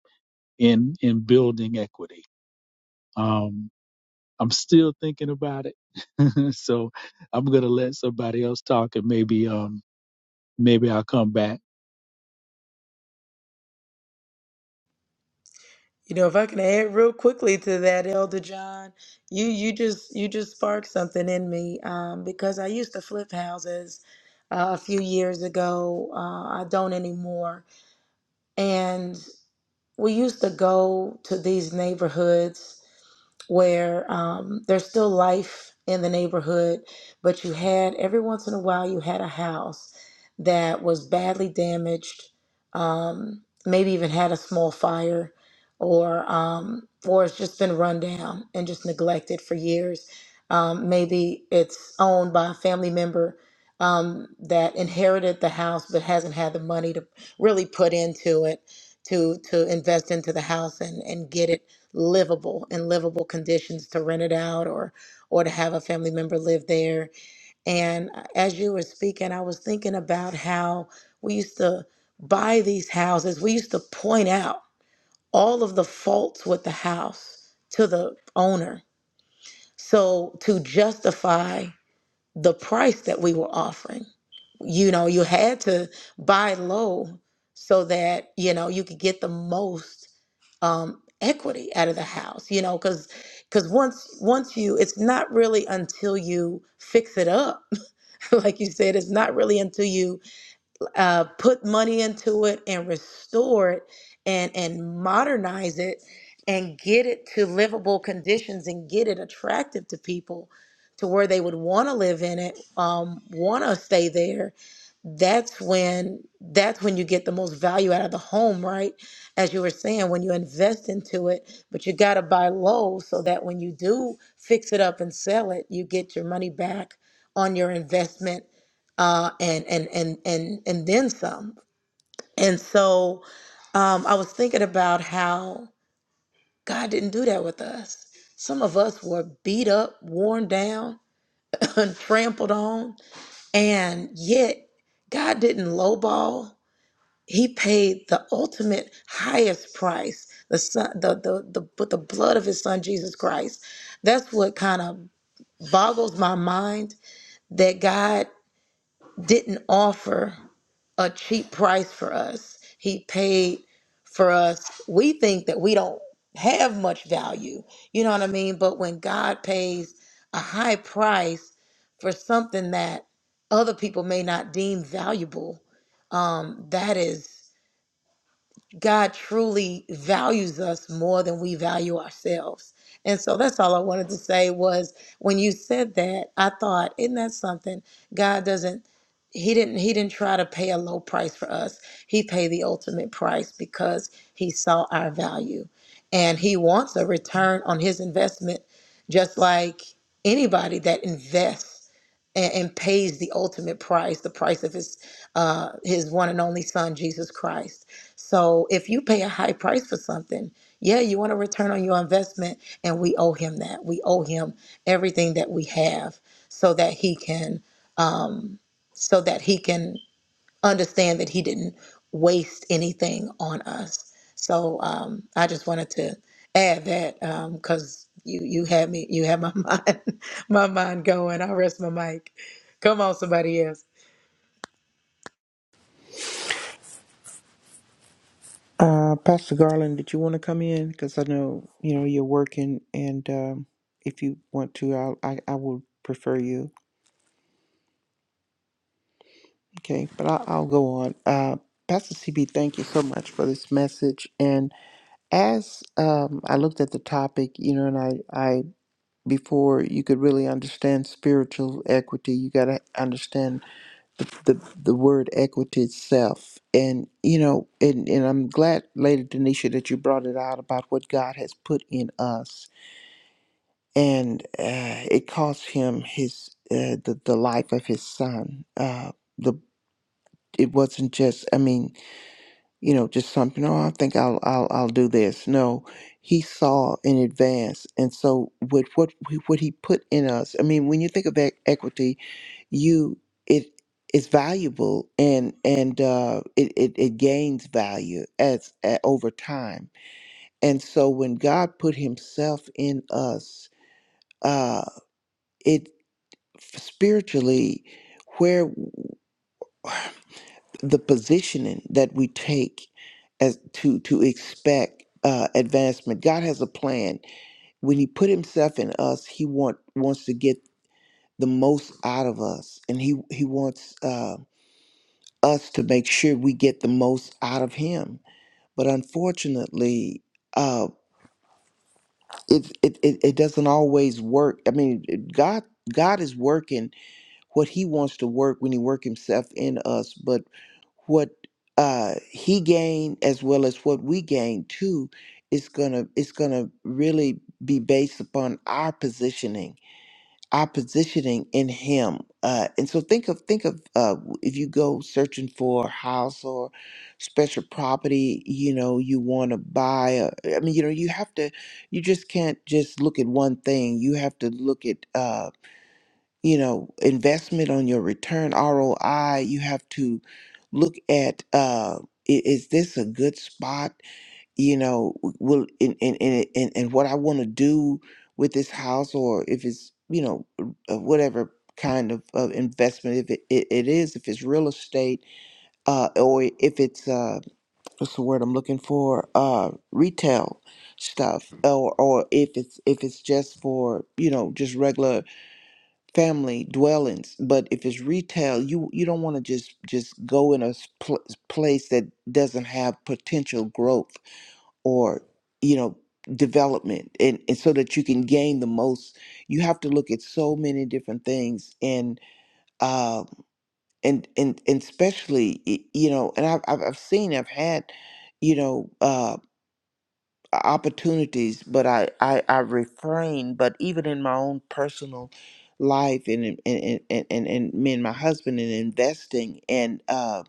[SPEAKER 5] in in building equity. Um, I'm still thinking about it, so I'm gonna let somebody else talk, and maybe um maybe I'll come back
[SPEAKER 4] You know, if I can add real quickly to that, Elder John, you you just you just sparked something in me um, because I used to flip houses uh, a few years ago. Uh, I don't anymore, and we used to go to these neighborhoods where um, there's still life in the neighborhood, but you had every once in a while you had a house that was badly damaged, um, maybe even had a small fire, or um, or it's just been run down and just neglected for years. Um, maybe it's owned by a family member um, that inherited the house but hasn't had the money to really put into it to to invest into the house and and get it livable in livable conditions to rent it out or or to have a family member live there and uh, as you were speaking i was thinking about how we used to buy these houses we used to point out all of the faults with the house to the owner so to justify the price that we were offering you know you had to buy low so that you know you could get the most um equity out of the house you know because because once once you it's not really until you fix it up like you said it's not really until you uh, put money into it and restore it and and modernize it and get it to livable conditions and get it attractive to people to where they would want to live in it um, want to stay there that's when that's when you get the most value out of the home right as you were saying when you invest into it but you got to buy low so that when you do fix it up and sell it you get your money back on your investment uh, and and and and and then some. And so um, I was thinking about how God didn't do that with us. Some of us were beat up, worn down, and trampled on, and yet God didn't lowball. He paid the ultimate highest price, the son, the the the with the blood of His Son Jesus Christ. That's what kind of boggles my mind that God didn't offer. a cheap price for us. He paid for us. We think that we don't have much value. You know what I mean? But when God pays a high price for something that other people may not deem valuable, um, that is. God truly values us more than we value ourselves. And so that's all I wanted to say was when you said that, I thought, isn't that something? God doesn't he didn't he didn't try to pay a low price for us. He paid the ultimate price because he saw our value. And he wants a return on his investment just like anybody that invests and, and pays the ultimate price, the price of his uh his one and only son Jesus Christ. So if you pay a high price for something, yeah, you want a return on your investment, and we owe him that. We owe him everything that we have, so that he can, um, so that he can understand that he didn't waste anything on us. So um, I just wanted to add that because you you had me you had my mind my mind going. I rest my mic. Come on, somebody else.
[SPEAKER 3] Uh, Pastor Garland, did you want to come in? Because I know you know you're working, and um, if you want to, I'll, I I will prefer you. Okay, but I, I'll go on. Uh, Pastor CB, thank you so much for this message. And as um, I looked at the topic, you know, and I I before you could really understand spiritual equity, you got to understand the the word equity itself and you know and and i'm glad lady denisha that you brought it out about what god has put in us and uh, it cost him his uh, the, the life of his son uh the it wasn't just i mean you know just something oh i think i'll i'll, I'll do this no he saw in advance and so with what what he put in us i mean when you think of e- equity you it it's valuable and and uh it, it it gains value as uh, over time and so when god put himself in us uh it spiritually where the positioning that we take as to to expect uh advancement god has a plan when he put himself in us he want wants to get the most out of us and he he wants uh, us to make sure we get the most out of him. But unfortunately, uh, it, it it it doesn't always work. I mean, it- God God is working what He wants to work when He work Himself in us, but what uh, He gained as well as what we gain too is gonna it's gonna really be based upon our positioning our positioning in him uh and so think of think of uh if you go searching for a house or special property you know you want to buy a, i mean you know you have to you just can't just look at one thing you have to look at uh you know investment on your return roi you have to look at uh i- is this a good spot you know will and and and, and, and what i want to do with this house or if it's you know uh, whatever kind of uh, investment if it, it, it is if it's real estate uh or if it's uh what's the word i'm looking for uh retail stuff or or if it's if it's just for you know just regular family dwellings but if it's retail you you don't want to just just go in a s- pl- place that doesn't have potential growth or you know development and, and so that you can gain the most you have to look at so many different things and um and and, and especially y- you know and I've, I've I've seen i've had you know uh opportunities but i i, I refrain but even in my own personal life and in- and and and, and me and my husband and investing and uh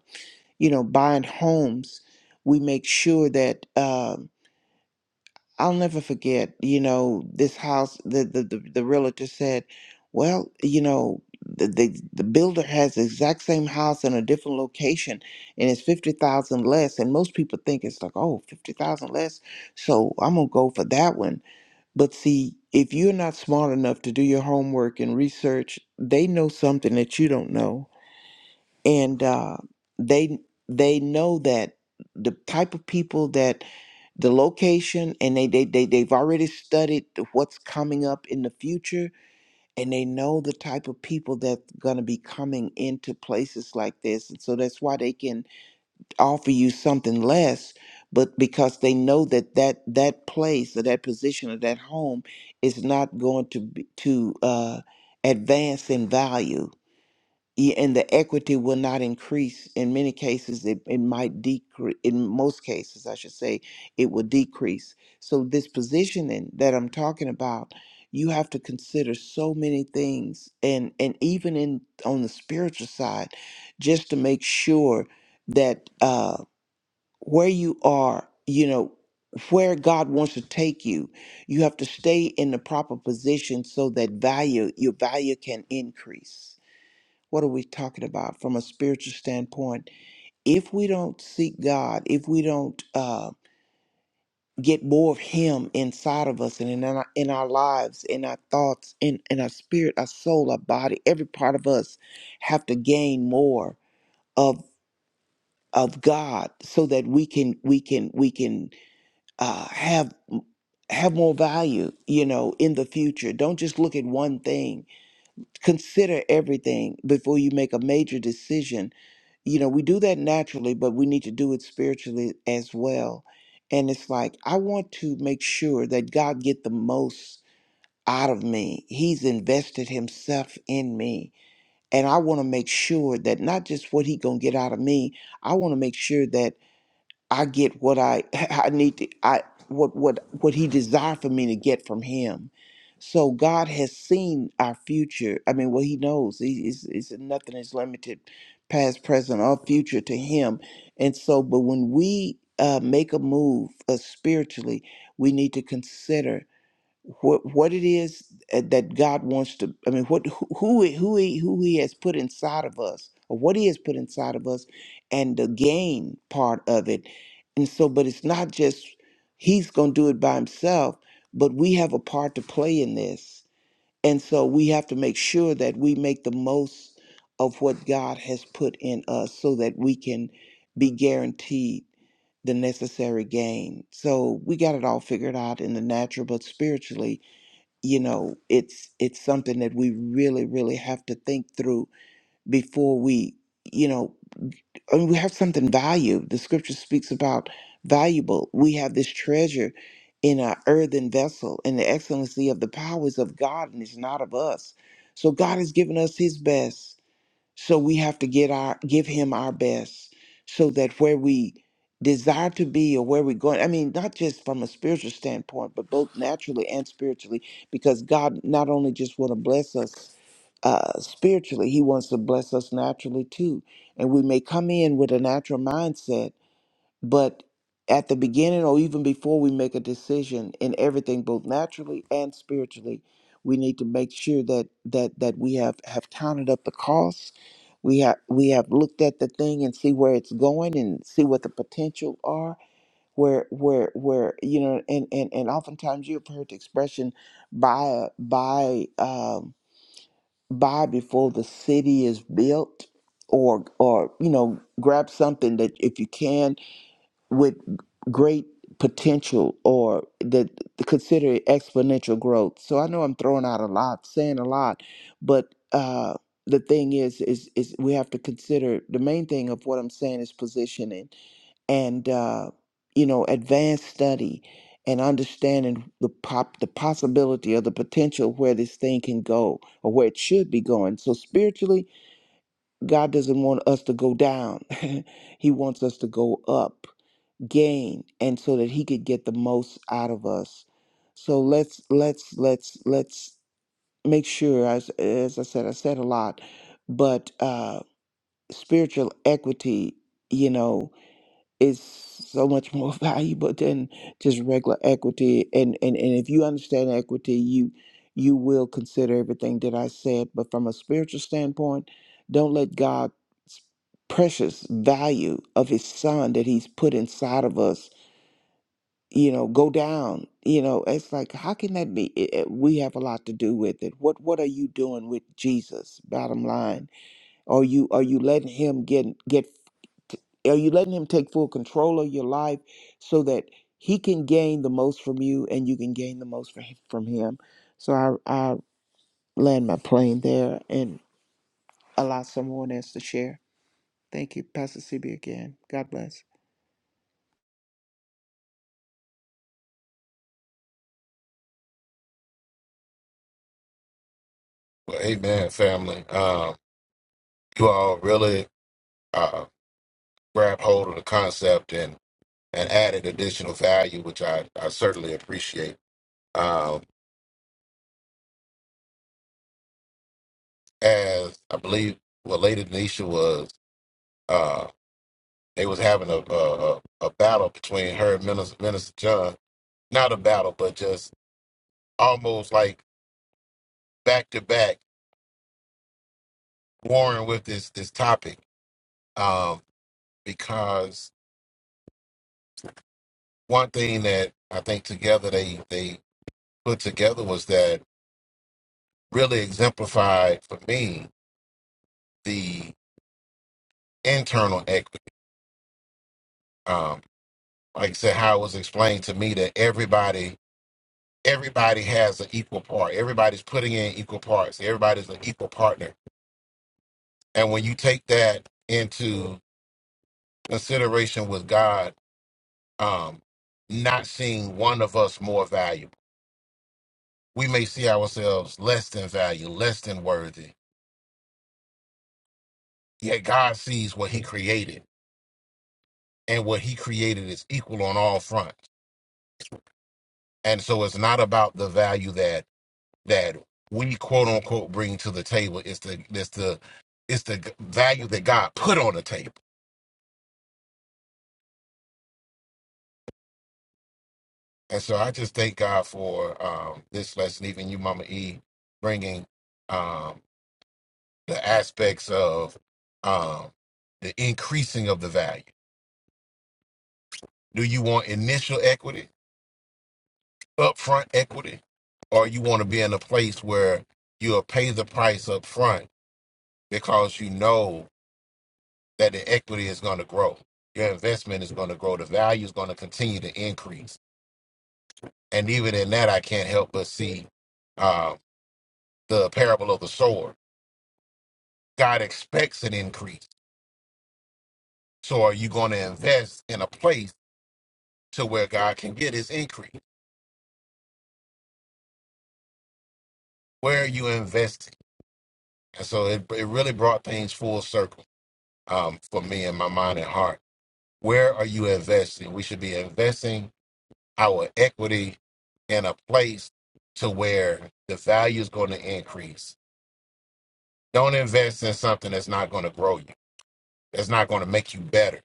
[SPEAKER 3] you know buying homes we make sure that um, I'll never forget, you know, this house, the, the, the, the realtor said, well, you know, the, the, the builder has the exact same house in a different location and it's 50,000 less. And most people think it's like, oh, 50,000 less. So I'm going to go for that one. But see, if you're not smart enough to do your homework and research, they know something that you don't know. And uh, they, they know that the type of people that the location and they, they they they've already studied what's coming up in the future and they know the type of people that's going to be coming into places like this and so that's why they can offer you something less but because they know that that that place or that position or that home is not going to be, to uh advance in value E- and the equity will not increase in many cases it, it might decrease in most cases i should say it will decrease so this positioning that i'm talking about you have to consider so many things and and even in on the spiritual side just to make sure that uh where you are you know where god wants to take you you have to stay in the proper position so that value your value can increase what are we talking about from a spiritual standpoint? If we don't seek God, if we don't uh, get more of Him inside of us and in our, in our lives, in our thoughts, in, in our spirit, our soul, our body, every part of us have to gain more of of God so that we can we can we can uh, have have more value, you know, in the future. Don't just look at one thing. Consider everything before you make a major decision you know, we do that naturally, but we need to do it spiritually as well. And it's like I want to make sure that God get the most out of me. He's invested himself in me, and I want to make sure that not just what he going to get out of me, I want to make sure that I get what I I need to I what what what he desired for me to get from him. So God has seen our future. I mean, well, He knows. He is is nothing is limited, past, present, or future to Him. And so, but when we uh, make a move uh, spiritually, we need to consider what what it is that God wants to I mean what who who he, who he who he has put inside of us or what he has put inside of us and the gain part of it and so but it's not just he's going to do it by himself but we have a part to play in this and so we have to make sure that we make the most of what God has put in us so that we can be guaranteed the necessary gain so we got it all figured out in the natural but spiritually you know it's it's something that we really really have to think through before we you know I mean, we have something valued the scripture speaks about valuable we have this treasure in our earthen vessel and the excellency of the powers of god and it's not of us so god has given us his best so we have to get our give him our best so that where we desire to be or where we're going, I mean, not just from a spiritual standpoint, but both naturally and spiritually, because God not only just want to bless us uh, spiritually, he wants to bless us naturally too. And we may come in with a natural mindset but at the beginning or even before we make a decision in everything, both naturally and spiritually, we need to make sure that that that we have have counted up the costs. We have we have looked at the thing and see where it's going and see what the potential are. Where where where you know and and and oftentimes you have heard the expression buy buy um, buy before the city is built or or you know grab something that if you can with great potential or that consider exponential growth. So I know I'm throwing out a lot, saying a lot, but uh, the thing is, is, is we have to consider the main thing of what I'm saying is positioning and uh, you know advanced study and understanding the pop the possibility or the potential where this thing can go or where it should be going. So spiritually, God doesn't want us to go down; He wants us to go up gain and so that he could get the most out of us so let's let's let's let's make sure as as i said i said a lot but uh spiritual equity you know is so much more valuable than just regular equity and and and if you understand equity you you will consider everything that i said but from a spiritual standpoint don't let god's precious value of his son that he's put inside of us you know go down you know it's like how can that be It- it- we have a lot to do with it what what are you doing with jesus bottom line are you are you letting him get get are you letting him take full control of your life so that he can gain the most from you and you can gain the most from from him? so i i land my plane there and allow someone else to share thank you pastor cb again god bless
[SPEAKER 2] Well, amen, family. Um, you all really uh, grabbed hold of the concept and. and added additional value, which I, I certainly appreciate. Um, as I believe what Lady Denisha was, uh, they was having a, a a a battle between her and Minister, Minister John. Not a battle, but just almost like back to back warring with this this topic. Um, because one thing that I think together they they put together was that really exemplified for me the internal equity. Um, like I said, how it was explained to me that everybody everybody has an equal part. Everybody's putting in equal parts. Everybody's an equal partner. And when you take that into consideration with God, um, not seeing one of us more valuable, we may see ourselves less than value, less than worthy. Yet God sees what He created, and what He created is equal on all fronts. And so it's not about the value that that we quote unquote bring to the table is the is the is the value that God put on the table. And so I just thank God for um, this lesson, even you, Mama E, bringing um, the aspects of um, the increasing of the value. Do you want initial equity, upfront equity, or you want to be in a place where you'll pay the price up front because you know that the equity is going to grow. Your investment is going to grow. The value is going to continue to increase. And even in that, I can't help but see uh, the parable of the sower. God expects an increase. So are you going to invest in a place to where God can get his increase? Where are you investing? And so it, it really brought things full circle um, for me in my mind and heart. Where are you investing? We should be investing our equity in a place to where the value is going to increase. Don't invest in something that's not going to grow you, that's not going to make you better,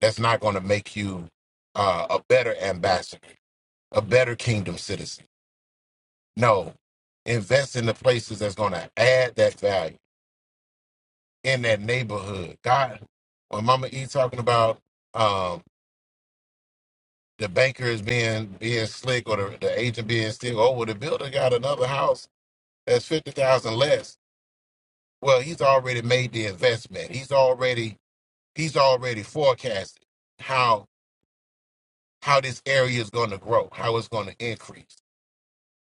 [SPEAKER 2] that's not going to make you uh, a better ambassador, a better kingdom citizen. No, invest in the places that's going to add that value in that neighborhood. God, when Mama E talking about um, the banker is being being slick or the, the agent being slick, oh, well, the builder got another house that's fifty thousand less Well, he's already made the investment. He's already he's already forecasted how how this area is going to grow, how it's going to increase.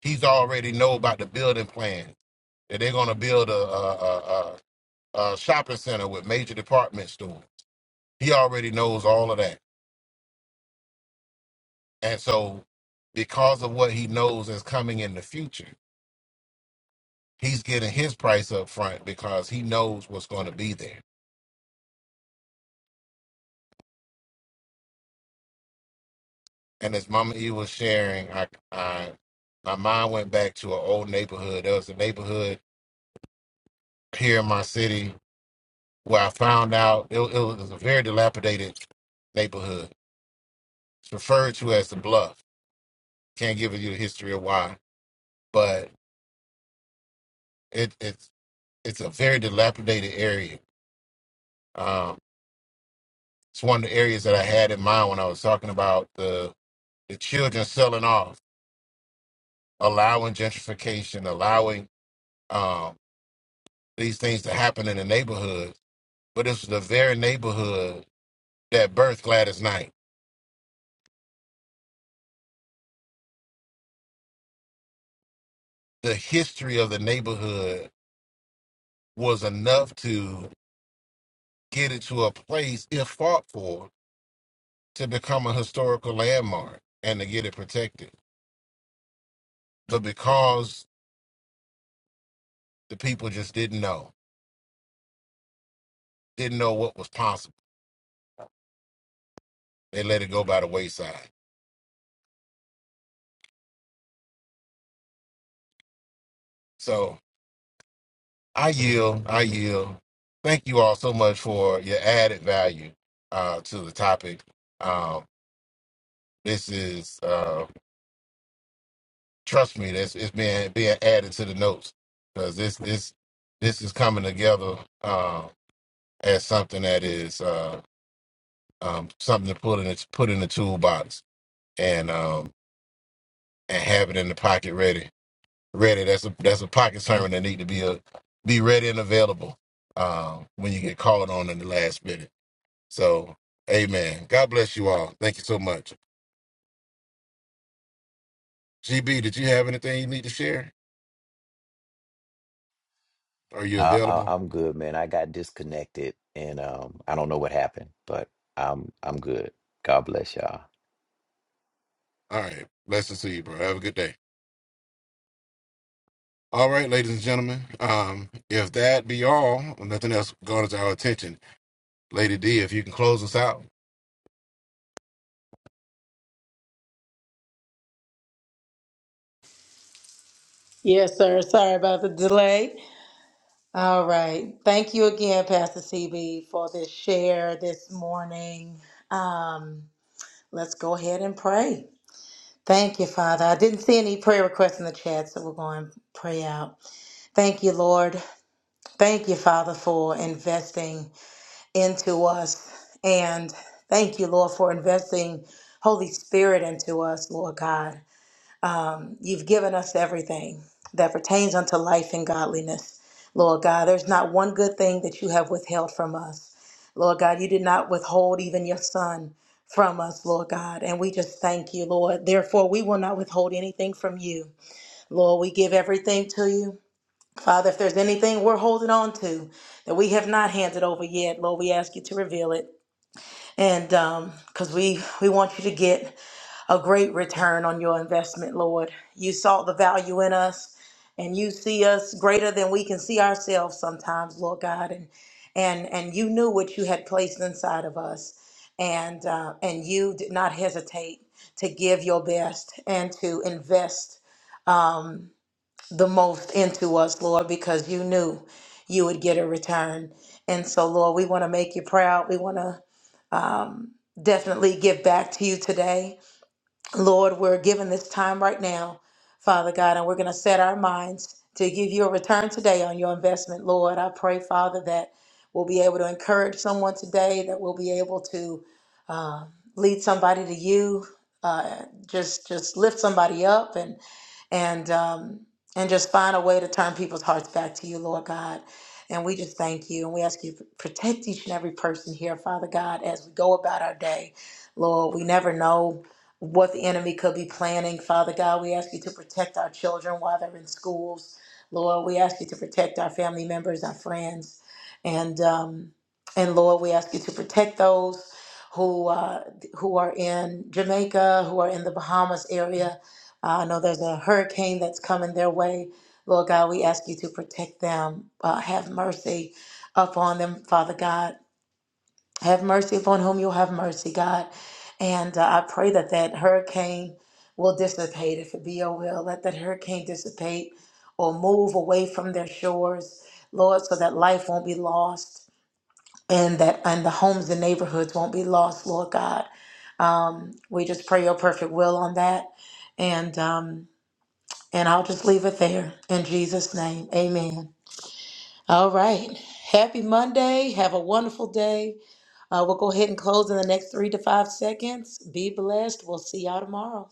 [SPEAKER 2] He's already know about the building plans that they're going to build a, a, a, a, a shopping center with major department store. He already knows all of that, and so because of what he knows is coming in the future, he's getting his price up front because he knows what's going to be there And as Mama E was sharing, I, I my mind went back to an old neighborhood. There was a neighborhood here in my city where I found out it, it was a very dilapidated neighborhood. It's referred to as the Bluff. Can't give you the history of why, but it, it's it's a very dilapidated area. Um, it's one of the areas that I had in mind when I was talking about the the children selling off, allowing gentrification, allowing um, these things to happen in the neighborhood but it's the very neighborhood that birthed Gladys Knight. The history of the neighborhood was enough to get it to a place, if fought for, to become a historical landmark and to get it protected. But because the people just didn't know, didn't know what was possible, they let it go by the wayside. So I yield, I yield. Thank you all so much for your added value uh, to the topic. Um, this is uh, Trust me, that's it's being being added to the notes because this this this is coming together uh, as something that is uh, um, something to put in the, put in the toolbox and um, and have it in the pocket ready ready. That's a that's a pocket sermon that need to be a be ready and available uh, when you get called on in the last minute. So, Amen. God bless you all. Thank you so much. GB, did you have anything you need to share? Are you
[SPEAKER 6] No, I,
[SPEAKER 2] available?
[SPEAKER 6] I'm good, man. I got disconnected and um, I don't know what happened, but I'm I'm good. God bless y'all.
[SPEAKER 2] All right. Blessings to you, bro. Have a good day. All right, ladies and gentlemen. Um, if that be all, nothing else garners our attention. Lady D, if you can close us out.
[SPEAKER 4] Yes, sir. Sorry about the delay. All right. Thank you again, Pastor CB, for this share this morning. Um, let's go ahead and pray. Thank you, Father. I didn't see any prayer requests in the chat, so we're going to pray out. Thank you, Lord. Thank you, Father, for investing into us. And thank you, Lord, for investing Holy Spirit into us, Lord God. Um, you've given us everything that pertains unto life and godliness. Lord God, there's not one good thing that you have withheld from us. Lord God, you did not withhold even your son from us, Lord God. And we just thank you, Lord. Therefore, we will not withhold anything from you. Lord, we give everything to you. Father, if there's anything we're holding on to that we have not handed over yet, Lord, we ask you to reveal it. And because we, we want you to get a great return on your investment, Lord. You saw the value in us and you see us greater than we can see ourselves sometimes, Lord God. And and and you knew what you had placed inside of us. And uh, and you did not hesitate to give your best and to invest um, the most into us, Lord, because you knew you would get a return. And so, Lord, we want to make you proud. We want to definitely give back to you today. Lord, we're given this time right now, Father God, and we're going to set our minds to give you a return today on your investment, Lord. I pray, Father, that we'll be able to encourage someone today, that we'll be able to uh, lead somebody to you, uh, just just lift somebody up, and and um, and just find a way to turn people's hearts back to you, Lord God. And we just thank you, and we ask you to protect each and every person here, Father God, as we go about our day, Lord. We never know what the enemy could be planning. Father God, we ask you to protect our children while they're in schools. Lord, we ask you to protect our family members, our friends, and um, and Lord, we ask you to protect those who uh, who are in Jamaica, who are in the Bahamas area. Uh, I know there's a hurricane that's coming their way. Lord God, we ask you to protect them. Uh, have mercy upon them, Father God. Have mercy upon whom you'll have mercy, God. And uh, I pray that that hurricane will dissipate, if it be your will. Let that hurricane dissipate or move away from their shores, Lord, so that life won't be lost and that and the homes and neighborhoods won't be lost, Lord God. Um, we just pray your perfect will on that. And um, and I'll just leave it there in Jesus' name. Amen. All right. Happy Monday. Have a wonderful day. Uh, we'll go ahead and close in the next three to five seconds. Be blessed. We'll see y'all tomorrow.